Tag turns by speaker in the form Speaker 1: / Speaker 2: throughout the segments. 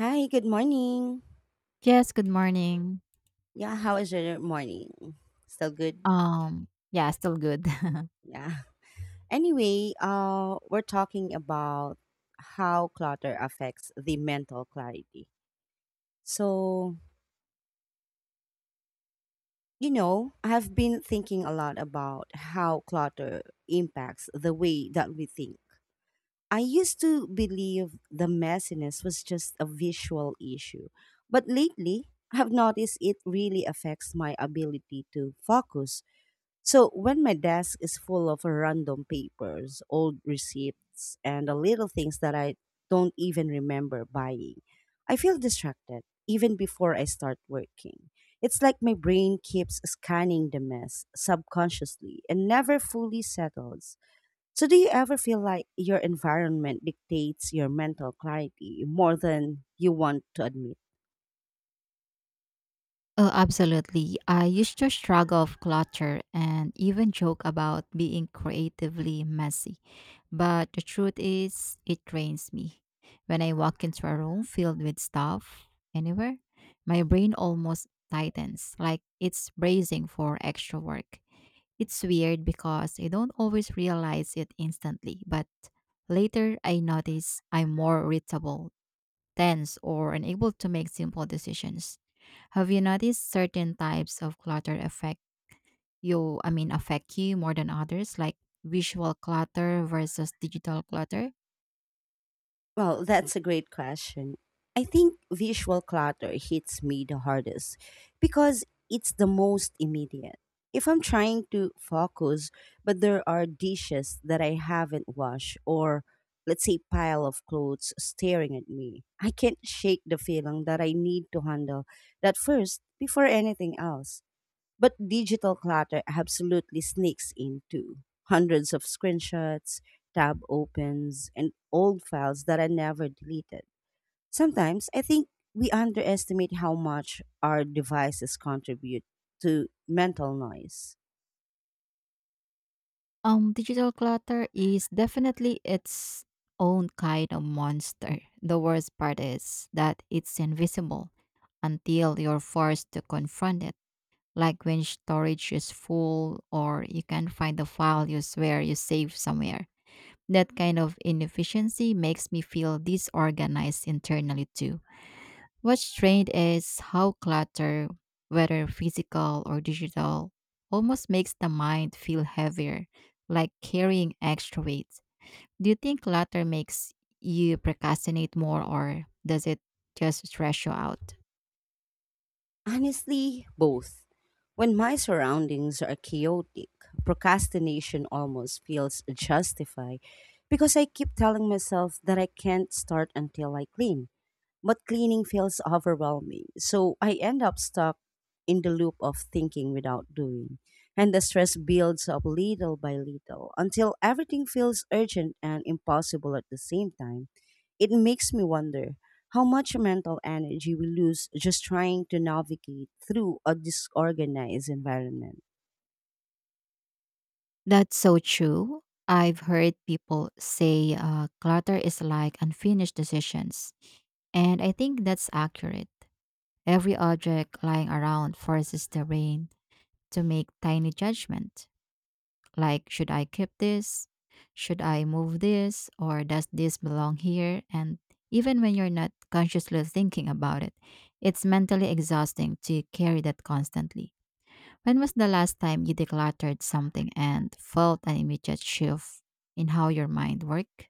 Speaker 1: Hi, good morning.
Speaker 2: Yes, good morning.
Speaker 1: Yeah, how is your morning? Still good?
Speaker 2: Yeah, still good.
Speaker 1: Yeah. Anyway, we're talking about how clutter affects the mental clarity. So, I've been thinking a lot about how clutter impacts the way that we think. I used to believe the messiness was just a visual issue, but lately I've noticed it really affects my ability to focus. So when my desk is full of random papers, old receipts, and the little things that I don't even remember buying, I feel distracted even before I start working. It's like my brain keeps scanning the mess subconsciously and never fully settles. So do you ever feel like your environment dictates your mental clarity more than you want to admit?
Speaker 2: Oh, absolutely. I used to struggle of clutter and even joke about being creatively messy. But the truth is, it drains me. When I walk into a room filled with stuff anywhere, my brain almost tightens, like it's bracing for extra work. It's weird because I don't always realize it instantly, but later I notice I'm more irritable tense or unable to make simple decisions. Have you noticed certain types of clutter affect you, I mean affect you more than others, like visual clutter versus digital clutter?
Speaker 1: Well, that's a great question. I think visual clutter hits me the hardest because it's the most immediate. If I'm trying to focus, but there are dishes that I haven't washed, or let's say pile of clothes staring at me, I can't shake the feeling that I need to handle that first before anything else. But digital clutter absolutely sneaks in too. Hundreds of screenshots, tab opens, and old files that are never deleted. Sometimes I think we underestimate how much our devices contribute to mental noise.
Speaker 2: Digital clutter is definitely its own kind of monster. The worst part is that it's invisible until you're forced to confront it. Like when storage is full or you can't find the file you swear you saved somewhere. That kind of inefficiency makes me feel disorganized internally too. What's strange is how clutter, whether physical or digital, almost makes the mind feel heavier, like carrying extra weight. Do you think clutter makes you procrastinate more or does it just stress you out?
Speaker 1: Honestly, both. When my surroundings are chaotic, procrastination almost feels justified because I keep telling myself that I can't start until I clean. But cleaning feels overwhelming, so I end up stuck in the loop of thinking without doing. And the stress builds up little by little until everything feels urgent and impossible at the same time. It makes me wonder how much mental energy we lose just trying to navigate through a disorganized environment.
Speaker 2: That's so true. I've heard people say clutter is like unfinished decisions, and I think that's accurate. Every object lying around forces the brain to make tiny judgment like should I keep this? Should I move this or does this belong here? And even when you're not consciously thinking about it, it's mentally exhausting to carry that constantly. When was the last time you decluttered something and felt an immediate shift in how your mind worked?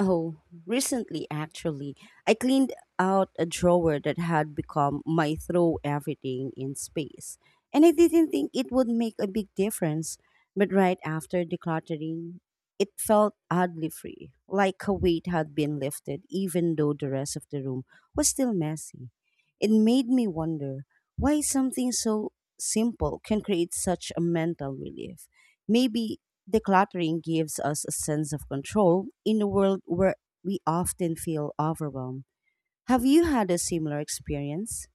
Speaker 1: Oh, recently actually, I cleaned out a drawer that had become my throw everything in space. And I didn't think it would make a big difference, but right after decluttering, it felt oddly free, like a weight had been lifted, even though the rest of the room was still messy. It made me wonder why something so simple can create such a mental relief. Maybe decluttering gives us a sense of control in a world where we often feel overwhelmed. Have you had a similar experience?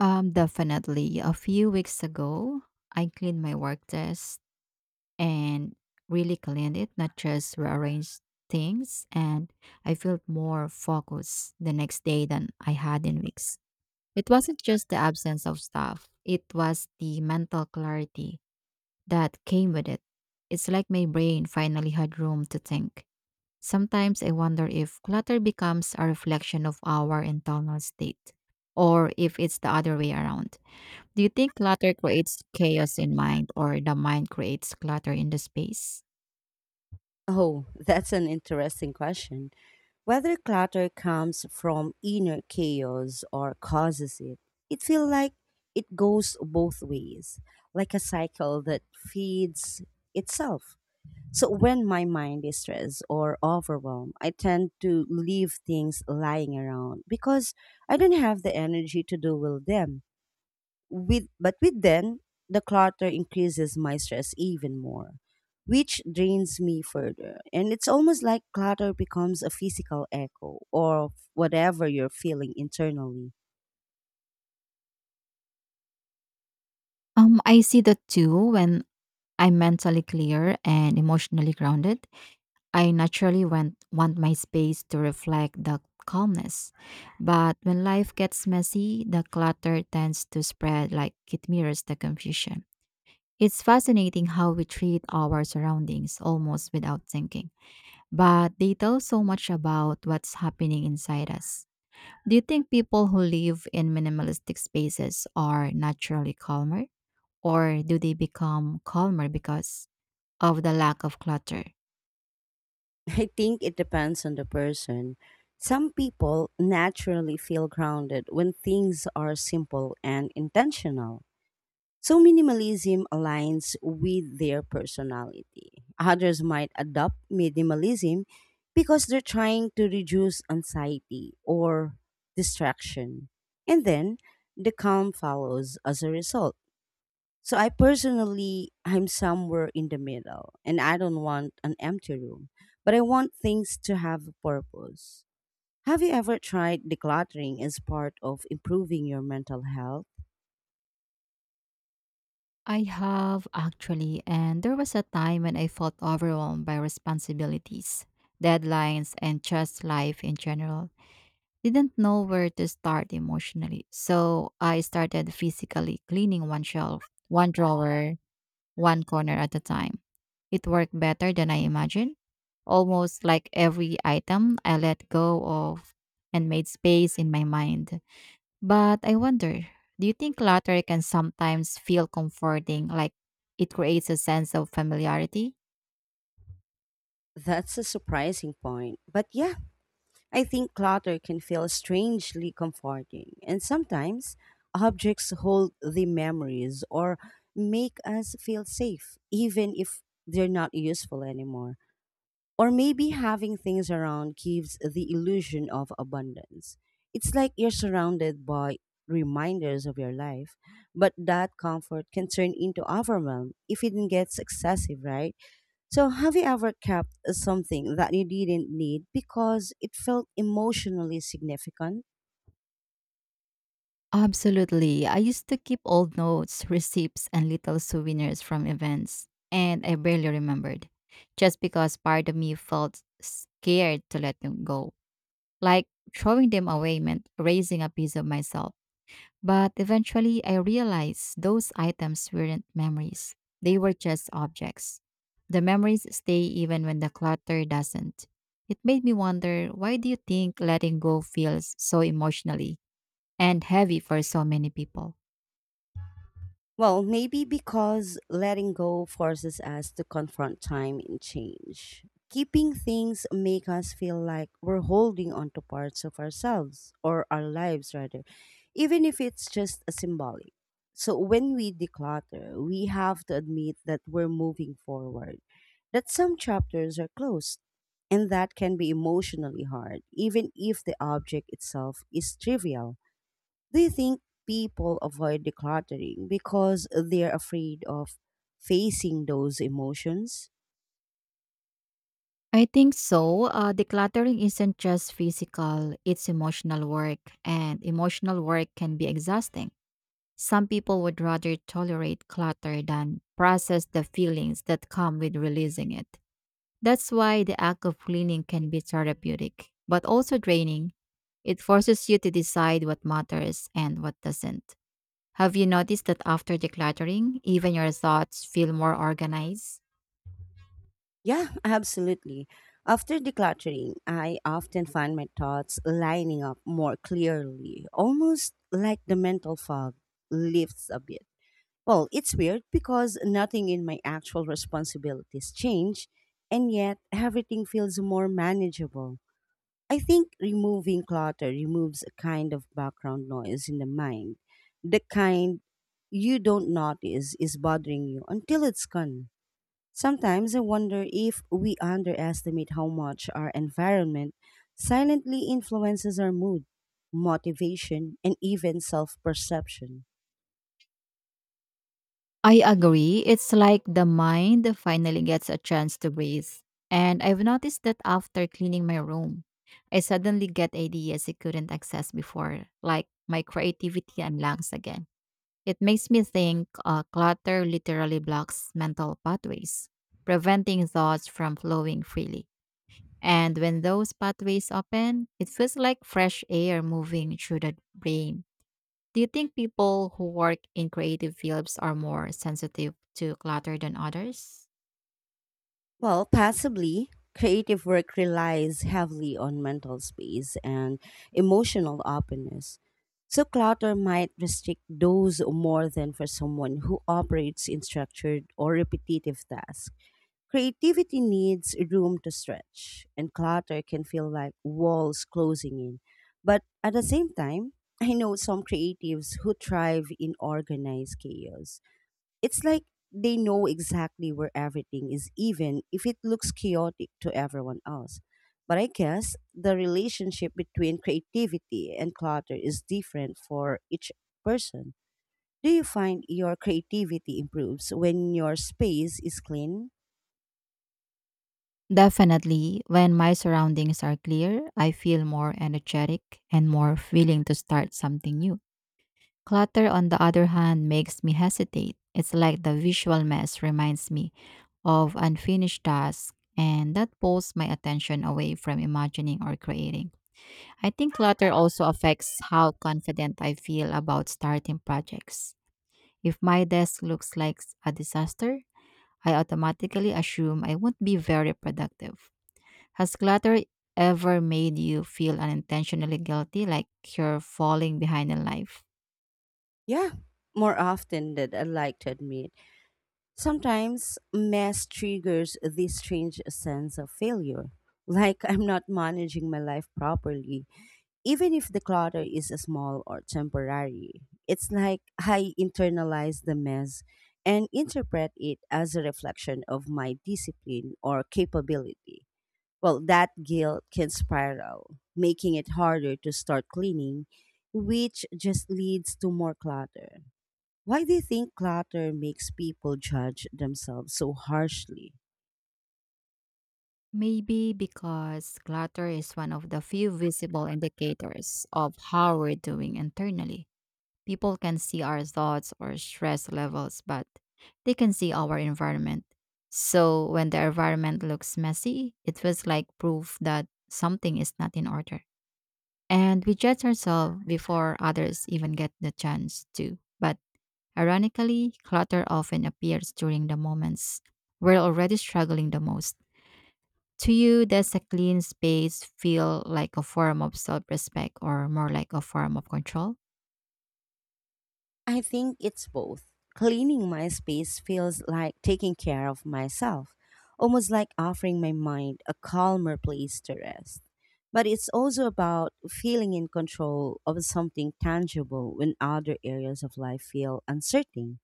Speaker 2: Definitely. A few weeks ago, I cleaned my work desk and really cleaned it, not just rearranged things. And I felt more focused the next day than I had in weeks. It wasn't just the absence of stuff, it was the mental clarity that came with it. It's like my brain finally had room to think. Sometimes I wonder if clutter becomes a reflection of our internal state, or if it's the other way around. Do you think clutter creates chaos in mind, or the mind creates clutter in the space?
Speaker 1: Oh, that's an interesting question. Whether clutter comes from inner chaos or causes it, it feels like it goes both ways, like a cycle that feeds itself. So when my mind is stressed or overwhelmed, I tend to leave things lying around because I don't have the energy to deal with them. With them, the clutter increases my stress even more, which drains me further. And it's almost like clutter becomes a physical echo or whatever you're feeling internally.
Speaker 2: I see that too when I'm mentally clear and emotionally grounded. I naturally want my space to reflect the calmness. But when life gets messy, the clutter tends to spread like it mirrors the confusion. It's fascinating how we treat our surroundings almost without thinking, but they tell so much about what's happening inside us. Do you think people who live in minimalistic spaces are naturally calmer? Or do they become calmer because of the lack of clutter?
Speaker 1: I think it depends on the person. Some people naturally feel grounded when things are simple and intentional. So minimalism aligns with their personality. Others might adopt minimalism because they're trying to reduce anxiety or distraction. And then the calm follows as a result. So I personally I'm somewhere in the middle and I don't want an empty room, but I want things to have a purpose. Have you ever tried decluttering as part of improving your mental health?
Speaker 2: I have actually, and there was a time when I felt overwhelmed by responsibilities, deadlines, and just life in general. Didn't know where to start emotionally, so I started physically cleaning one shelf, one drawer, one corner at a time. It worked better than I imagined. Almost like every item I let go of and made space in my mind. But I wonder, do you think clutter can sometimes feel comforting, like it creates a sense of familiarity?
Speaker 1: That's a surprising point. But yeah, I think clutter can feel strangely comforting, and sometimes objects hold the memories or make us feel safe, even if they're not useful anymore. Or maybe having things around gives the illusion of abundance. It's like you're surrounded by reminders of your life, but that comfort can turn into overwhelm if it gets excessive, right? So, have you ever kept something that you didn't need because it felt emotionally significant?
Speaker 2: Absolutely. I used to keep old notes, receipts, and little souvenirs from events, and I barely remembered, just because part of me felt scared to let them go. Like throwing them away meant raising a piece of myself. But eventually, I realized those items weren't memories, they were just objects. The memories stay even when the clutter doesn't. It made me wonder, why do you think letting go feels so emotionally and heavy for so many people?
Speaker 1: Well, maybe because letting go forces us to confront time and change. Keeping things make us feel like we're holding on to parts of ourselves or our lives rather, even if it's just a symbolic. So when we declutter, we have to admit that we're moving forward, that some chapters are closed, and that can be emotionally hard, even if the object itself is trivial. Do you think people avoid decluttering because they're afraid of facing those emotions?
Speaker 2: I think so. Decluttering isn't just physical, it's emotional work, and emotional work can be exhausting. Some people would rather tolerate clutter than process the feelings that come with releasing it. That's why the act of cleaning can be therapeutic, but also draining. It forces you to decide what matters and what doesn't. Have you noticed that after decluttering, even your thoughts feel more organized?
Speaker 1: Yeah, absolutely. After decluttering, I often find my thoughts lining up more clearly, almost like the mental fog lifts a bit. Well, it's weird because nothing in my actual responsibilities change, and yet everything feels more manageable. I think removing clutter removes a kind of background noise in the mind. The kind you don't notice is bothering you until it's gone. Sometimes I wonder if we underestimate how much our environment silently influences our mood, motivation, and even self perception.
Speaker 2: I agree. It's like the mind finally gets a chance to breathe. And I've noticed that after cleaning my room, I suddenly get ideas I couldn't access before, like my creativity unlocks again. It makes me think clutter literally blocks mental pathways, preventing thoughts from flowing freely. And when those pathways open, it feels like fresh air moving through the brain. Do you think people who work in creative fields are more sensitive to clutter than others?
Speaker 1: Well, possibly. Creative work relies heavily on mental space and emotional openness. So, clutter might restrict those more than for someone who operates in structured or repetitive tasks. Creativity needs room to stretch, and clutter can feel like walls closing in. But at the same time, I know some creatives who thrive in organized chaos. It's like they know exactly where everything is, even if it looks chaotic to everyone else. But I guess the relationship between creativity and clutter is different for each person. Do you find your creativity improves when your space is clean?
Speaker 2: Definitely. When my surroundings are clear, I feel more energetic and more willing to start something new. Clutter, on the other hand, makes me hesitate. It's like the visual mess reminds me of unfinished tasks, and that pulls my attention away from imagining or creating. I think clutter also affects how confident I feel about starting projects. If my desk looks like a disaster, I automatically assume I won't be very productive. Has clutter ever made you feel unintentionally guilty, like you're falling behind in life?
Speaker 1: Yeah, more often than I like to admit. Sometimes mess triggers this strange sense of failure, like I'm not managing my life properly. Even if the clutter is small or temporary, it's like I internalize the mess and interpret it as a reflection of my discipline or capability. Well, that guilt can spiral, making it harder to start cleaning, which just leads to more clutter. Why do you think clutter makes people judge themselves so harshly?
Speaker 2: Maybe because clutter is one of the few visible indicators of how we're doing internally. People can see our thoughts or stress levels, but they can see our environment. So when the environment looks messy, it feels like proof that something is not in order. And we judge ourselves before others even get the chance to. But ironically, clutter often appears during the moments we're already struggling the most. To you, does a clean space feel like a form of self respect or more like a form of control?
Speaker 1: I think it's both. Cleaning my space feels like taking care of myself, almost like offering my mind a calmer place to rest. But it's also about feeling in control of something tangible when other areas of life feel uncertain.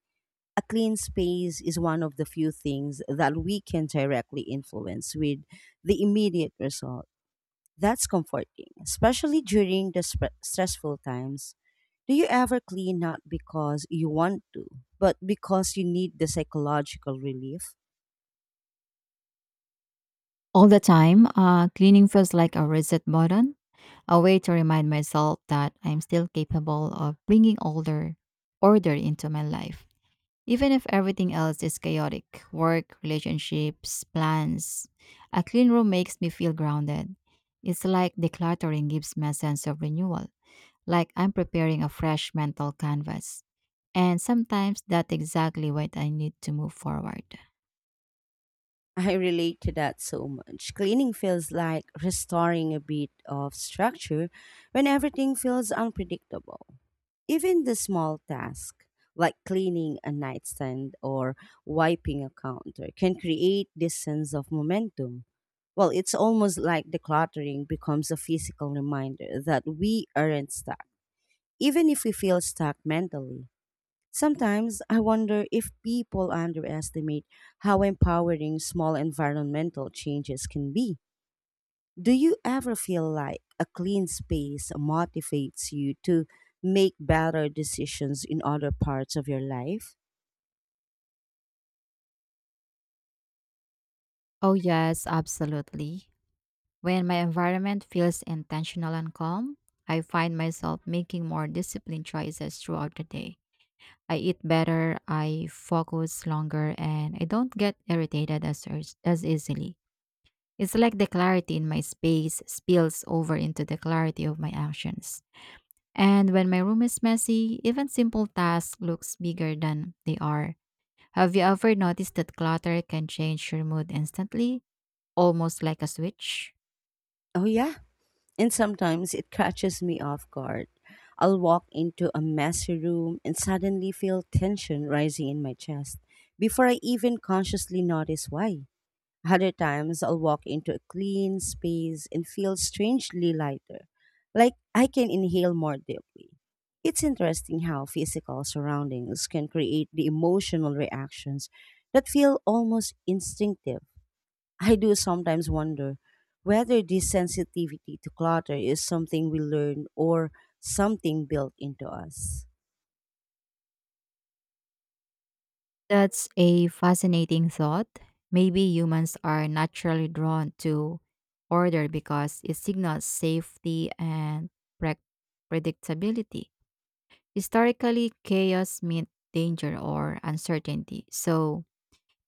Speaker 1: A clean space is one of the few things that we can directly influence with the immediate result. That's comforting, especially during the stressful times. Do you ever clean not because you want to, but because you need the psychological relief?
Speaker 2: All the time. Cleaning feels like a reset button, a way to remind myself that I'm still capable of bringing order into my life. Even if everything else is chaotic, work, relationships, plans, a clean room makes me feel grounded. It's like decluttering gives me a sense of renewal, like I'm preparing a fresh mental canvas. And sometimes that's exactly what I need to move forward.
Speaker 1: I relate to that so much. Cleaning feels like restoring a bit of structure when everything feels unpredictable. Even the small task, like cleaning a nightstand or wiping a counter, can create this sense of momentum. Well, it's almost like decluttering becomes a physical reminder that we aren't stuck, even if we feel stuck mentally. Sometimes I wonder if people underestimate how empowering small environmental changes can be. Do you ever feel like a clean space motivates you to make better decisions in other parts of your life?
Speaker 2: Oh, yes, absolutely. When my environment feels intentional and calm, I find myself making more disciplined choices throughout the day. I eat better, I focus longer, and I don't get irritated as easily. It's like the clarity in my space spills over into the clarity of my actions. And when my room is messy, even simple tasks looks bigger than they are. Have you ever noticed that clutter can change your mood instantly, almost like a switch?
Speaker 1: Oh, yeah. And sometimes it catches me off guard. I'll walk into a messy room and suddenly feel tension rising in my chest before I even consciously notice why. Other times I'll walk into a clean space and feel strangely lighter, like I can inhale more deeply. It's interesting how physical surroundings can create the emotional reactions that feel almost instinctive. I do sometimes wonder whether this sensitivity to clutter is something we learn or something built into us.
Speaker 2: That's a fascinating thought. Maybe humans are naturally drawn to order because it signals safety and pre- predictability. Historically, chaos meant danger or uncertainty, so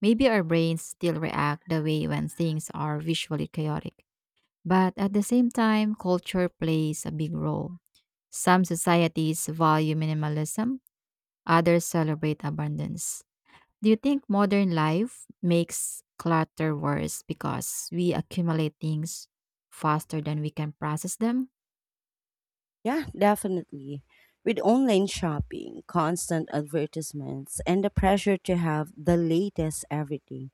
Speaker 2: maybe our brains still react the way when things are visually chaotic. But at the same time, culture plays a big role. Some societies value minimalism, others celebrate abundance. Do you think modern life makes clutter worse because we accumulate things faster than we can process them?
Speaker 1: Yeah, definitely. With online shopping, constant advertisements, and the pressure to have the latest everything,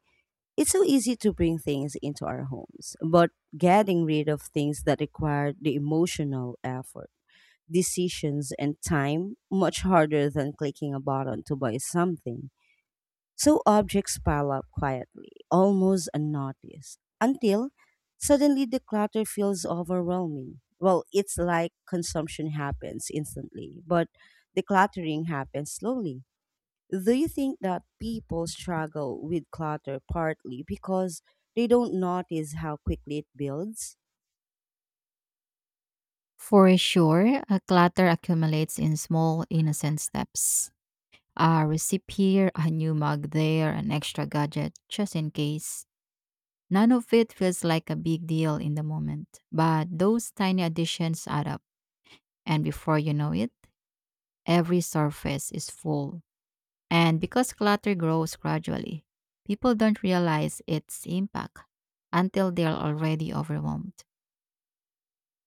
Speaker 1: it's so easy to bring things into our homes. But getting rid of things that require the emotional effort, decisions, and time much harder than clicking a button to buy something. So objects pile up quietly, almost unnoticed, until suddenly the clutter feels overwhelming. Well, it's like consumption happens instantly, but decluttering happens slowly. Do you think that people struggle with clutter partly because they don't notice how quickly it builds?
Speaker 2: For sure, a clutter accumulates in small, innocent steps. A receipt here, a new mug there, an extra gadget, just in case. None of it feels like a big deal in the moment, but those tiny additions add up, and before you know it, every surface is full. And because clutter grows gradually, people don't realize its impact until they're already overwhelmed.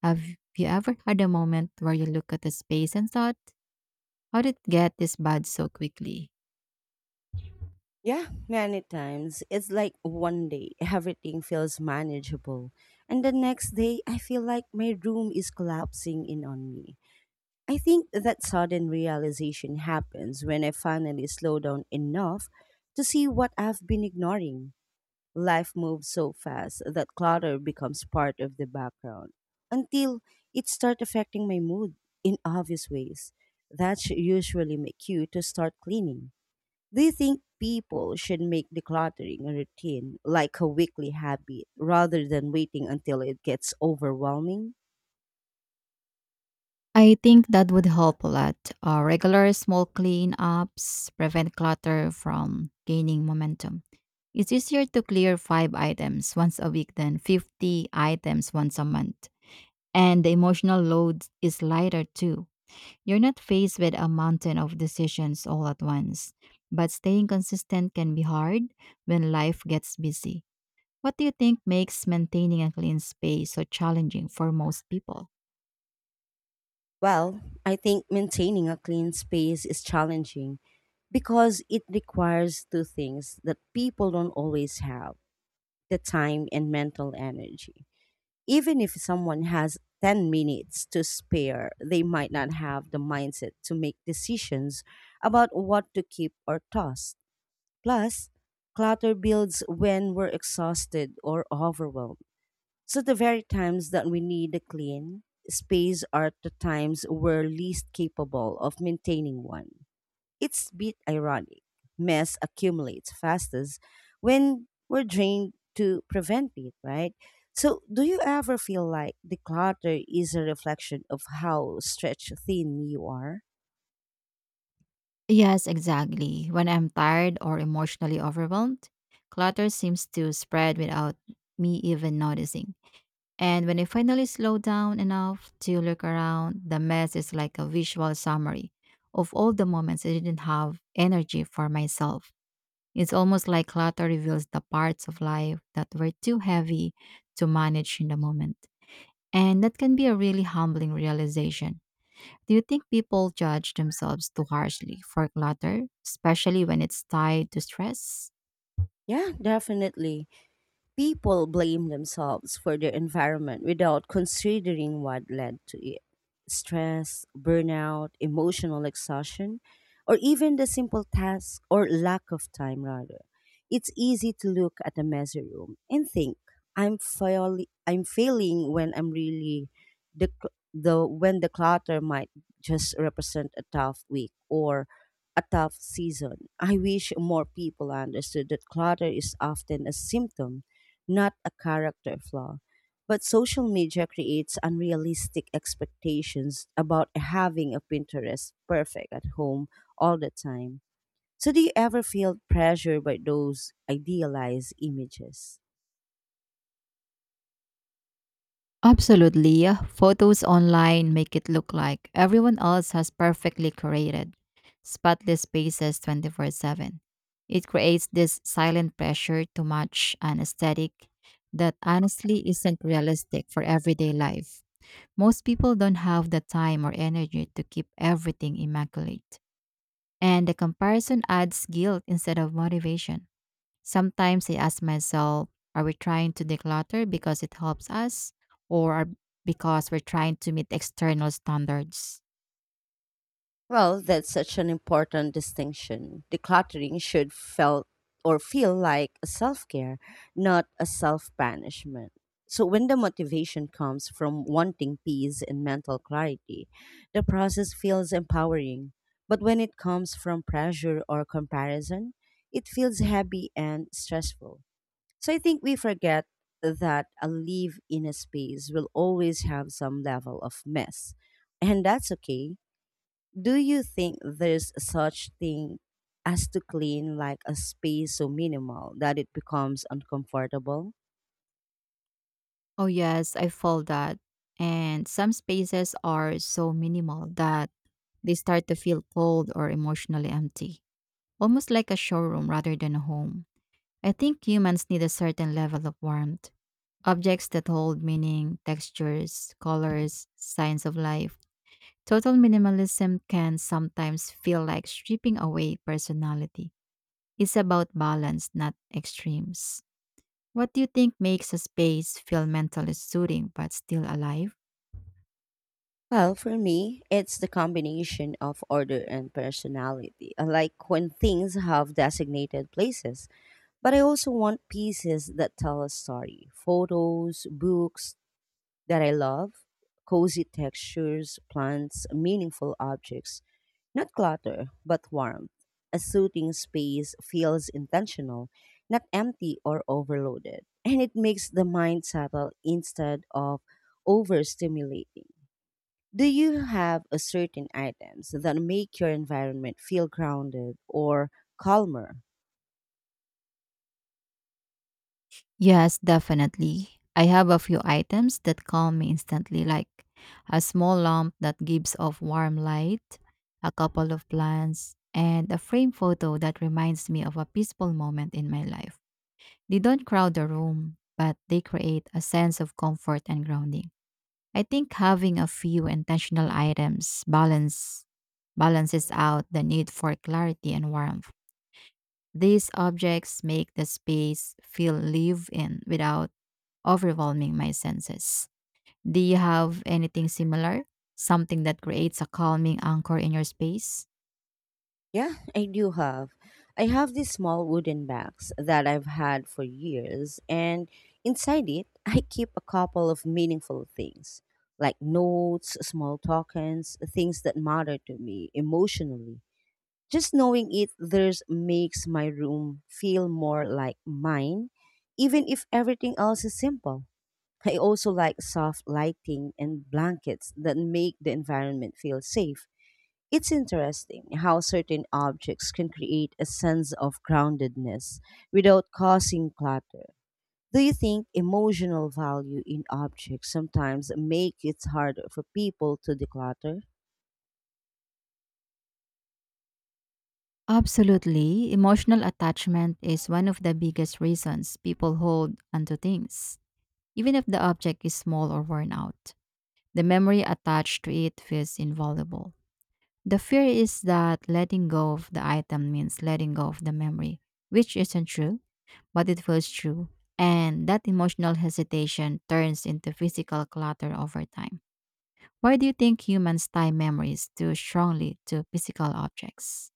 Speaker 2: Have you ever had a moment where you look at a space and thought, how did it get this bad so quickly?
Speaker 1: Yeah, many times. It's like one day everything feels manageable, and the next day I feel like my room is collapsing in on me. I think that sudden realization happens when I finally slow down enough to see what I've been ignoring. Life moves so fast that clutter becomes part of the background until it starts affecting my mood in obvious ways. That should usually make you to start cleaning. Do you think people should make decluttering a routine like a weekly habit rather than waiting until it gets overwhelming?
Speaker 2: I think that would help a lot. Regular small cleanups prevent clutter from gaining momentum. It's easier to clear five items once a week than 50 items once a month. And the emotional load is lighter too. You're not faced with a mountain of decisions all at once. But staying consistent can be hard when life gets busy. What do you think makes maintaining a clean space so challenging for most people?
Speaker 1: Well, I think maintaining a clean space is challenging because it requires two things that people don't always have, the time and mental energy. Even if someone has 10 minutes to spare, they might not have the mindset to make decisions about what to keep or toss. Plus, clutter builds when we're exhausted or overwhelmed. So the very times that we need a clean space are the times we're least capable of maintaining one. It's a bit ironic. Mess accumulates fastest when we're drained to prevent it, right? So do you ever feel like the clutter is a reflection of how stretched thin you are?
Speaker 2: Yes, exactly. When I'm tired or emotionally overwhelmed, clutter seems to spread without me even noticing. And when I finally slow down enough to look around, the mess is like a visual summary of all the moments I didn't have energy for myself. It's almost like clutter reveals the parts of life that were too heavy to manage in the moment. And that can be a really humbling realization. Do you think people judge themselves too harshly for clutter, especially when it's tied to stress?
Speaker 1: Yeah, definitely. People blame themselves for their environment without considering what led to it, stress, burnout, emotional exhaustion, or even the simple task or lack of time, rather. It's easy to look at a messy room and think, I'm, fail- I'm failing when I'm really the, cl- the when the clutter might just represent a tough week or a tough season. I wish more people understood that clutter is often a symptom, not a character flaw. But social media creates unrealistic expectations about having a Pinterest perfect at home all the time. So, do you ever feel pressure by those idealized images?
Speaker 2: Absolutely, yeah. Photos online make it look like everyone else has perfectly created spotless spaces 24/7. It creates this silent pressure to match an aesthetic that honestly isn't realistic for everyday life. Most people don't have the time or energy to keep everything immaculate, and the comparison adds guilt instead of motivation. Sometimes I ask myself, are we trying to declutter because it helps us or are- because we're trying to meet external standards?
Speaker 1: Well, that's such an important distinction. Decluttering should felt or feel like a self-care, not a self-banishment. So when the motivation comes from wanting peace and mental clarity, the process feels empowering. But when it comes from pressure or comparison, it feels heavy and stressful. So I think we forget that a live in a space will always have some level of mess. And that's okay. Do you think there's such thing as to clean like a space so minimal that it becomes uncomfortable?
Speaker 2: Oh, yes, I feel that. And some spaces are so minimal that they start to feel cold or emotionally empty, almost like a showroom rather than a home. I think humans need a certain level of warmth. Objects that hold meaning, textures, colors, signs of life. Total minimalism can sometimes feel like stripping away personality. It's about balance, not extremes. What do you think makes a space feel mentally soothing but still alive?
Speaker 1: Well, for me, it's the combination of order and personality. I like when things have designated places, but I also want pieces that tell a story. Photos, books, that I love, cozy textures, plants, meaningful objects. Not clutter, but warmth. A soothing space feels intentional, not empty or overloaded. And it makes the mind settle instead of overstimulating. Do you have a certain items that make your environment feel grounded or calmer?
Speaker 2: Yes, definitely. I have a few items that calm me instantly, like a small lamp that gives off warm light, a couple of plants, and a framed photo that reminds me of a peaceful moment in my life. They don't crowd the room, but they create a sense of comfort and grounding. I think having a few intentional items balances out the need for clarity and warmth. These objects make the space feel live in without overwhelming my senses. Do you have anything similar? Something that creates a calming anchor in your space?
Speaker 1: Yeah, I do have. I have these small wooden bags that I've had for years, and inside it, I keep a couple of meaningful things like notes, small tokens, things that matter to me emotionally. Just knowing it there's makes my room feel more like mine, even if everything else is simple. I also like soft lighting and blankets that make the environment feel safe. It's interesting how certain objects can create a sense of groundedness without causing clutter. Do you think emotional value in objects sometimes make it harder for people to declutter?
Speaker 2: Absolutely. Emotional attachment is one of the biggest reasons people hold onto things, even if the object is small or worn out. The memory attached to it feels invaluable. The fear is that letting go of the item means letting go of the memory, which isn't true, but it feels true. And that emotional hesitation turns into physical clutter over time. Why do you think humans tie memories too strongly to physical objects?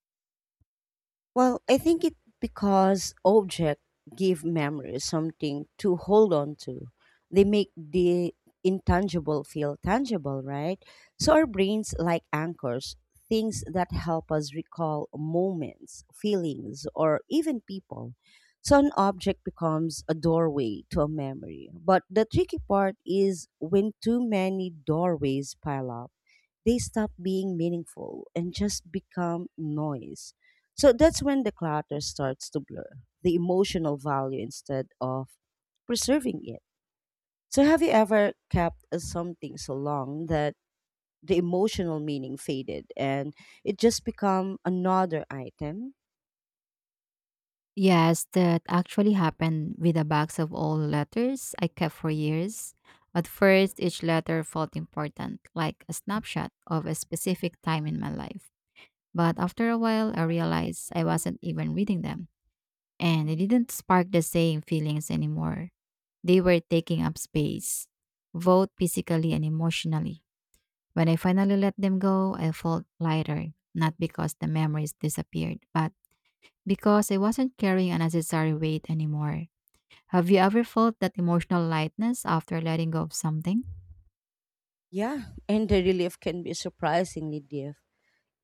Speaker 1: Well, I think it because objects give memories something to hold on to. They make the intangible feel tangible, right? So our brains like anchors, things that help us recall moments, feelings, or even people. So an object becomes a doorway to a memory. But the tricky part is when too many doorways pile up, they stop being meaningful and just become noise. So that's when the clutter starts to blur the emotional value instead of preserving it. So have you ever kept something so long that the emotional meaning faded and it just become another item?
Speaker 2: Yes, that actually happened with a box of old letters I kept for years. At first, each letter felt important, like a snapshot of a specific time in my life. But after a while, I realized I wasn't even reading them, and they didn't spark the same feelings anymore. They were taking up space, both physically and emotionally. When I finally let them go, I felt lighter, not because the memories disappeared, but because I wasn't carrying unnecessary weight anymore. Have you ever felt that emotional lightness after letting go of something?
Speaker 1: Yeah, and the relief can be surprisingly deep.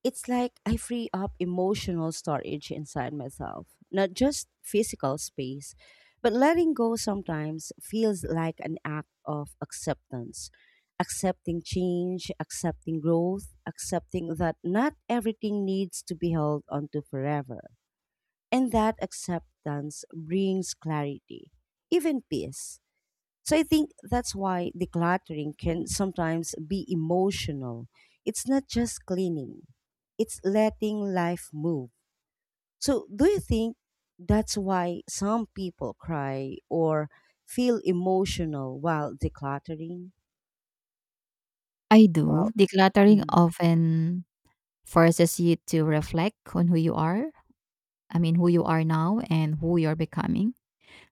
Speaker 1: It's like I free up emotional storage inside myself, not just physical space. But letting go sometimes feels like an act of acceptance. Accepting change, accepting growth, accepting that not everything needs to be held onto forever. And that acceptance brings clarity, even peace. So I think that's why decluttering can sometimes be emotional. It's not just cleaning, it's letting life move. So do you think that's why some people cry or feel emotional while decluttering?
Speaker 2: I
Speaker 1: Well,
Speaker 2: do. Decluttering
Speaker 1: mhm.
Speaker 2: often forces you to reflect on who you who you are now and who you're becoming.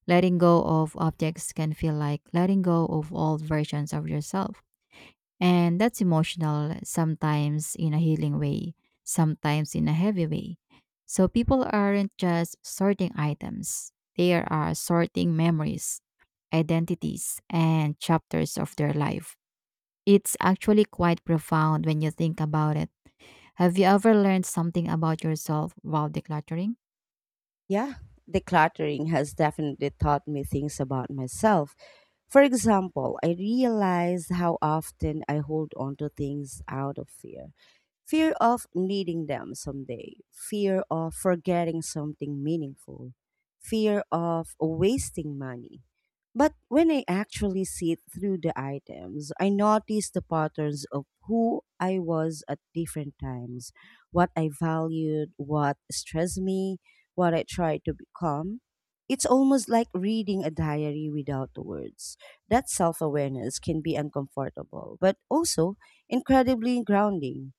Speaker 2: Letting go of objects can feel like letting go of old versions of yourself. And that's emotional, sometimes in a healing way, sometimes in a heavy way. So people aren't just sorting items, they are sorting memories, identities, and chapters of their life. It's actually quite profound when you think about it. Have you ever learned something about yourself while decluttering?
Speaker 1: Yeah, decluttering has definitely taught me things about myself. For example, I realized how often I hold on to things out of fear. Fear of needing them someday, fear of forgetting something meaningful, fear of wasting money. But when I actually sit through the items, I notice the patterns of who I was at different times, what I valued, what stressed me, what I tried to become. It's almost like reading a diary without the words. That self awareness can be uncomfortable, but also incredibly grounding.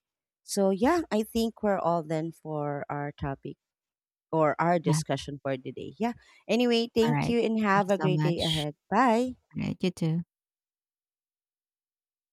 Speaker 1: So yeah, I think we're all then for our topic or our
Speaker 2: Yeah.
Speaker 1: discussion for today. Yeah. Anyway, thank
Speaker 2: Alright.
Speaker 1: you and
Speaker 2: Thank you
Speaker 1: have a
Speaker 2: so
Speaker 1: great day
Speaker 2: much.
Speaker 1: ahead. Bye.
Speaker 2: Alright, you too.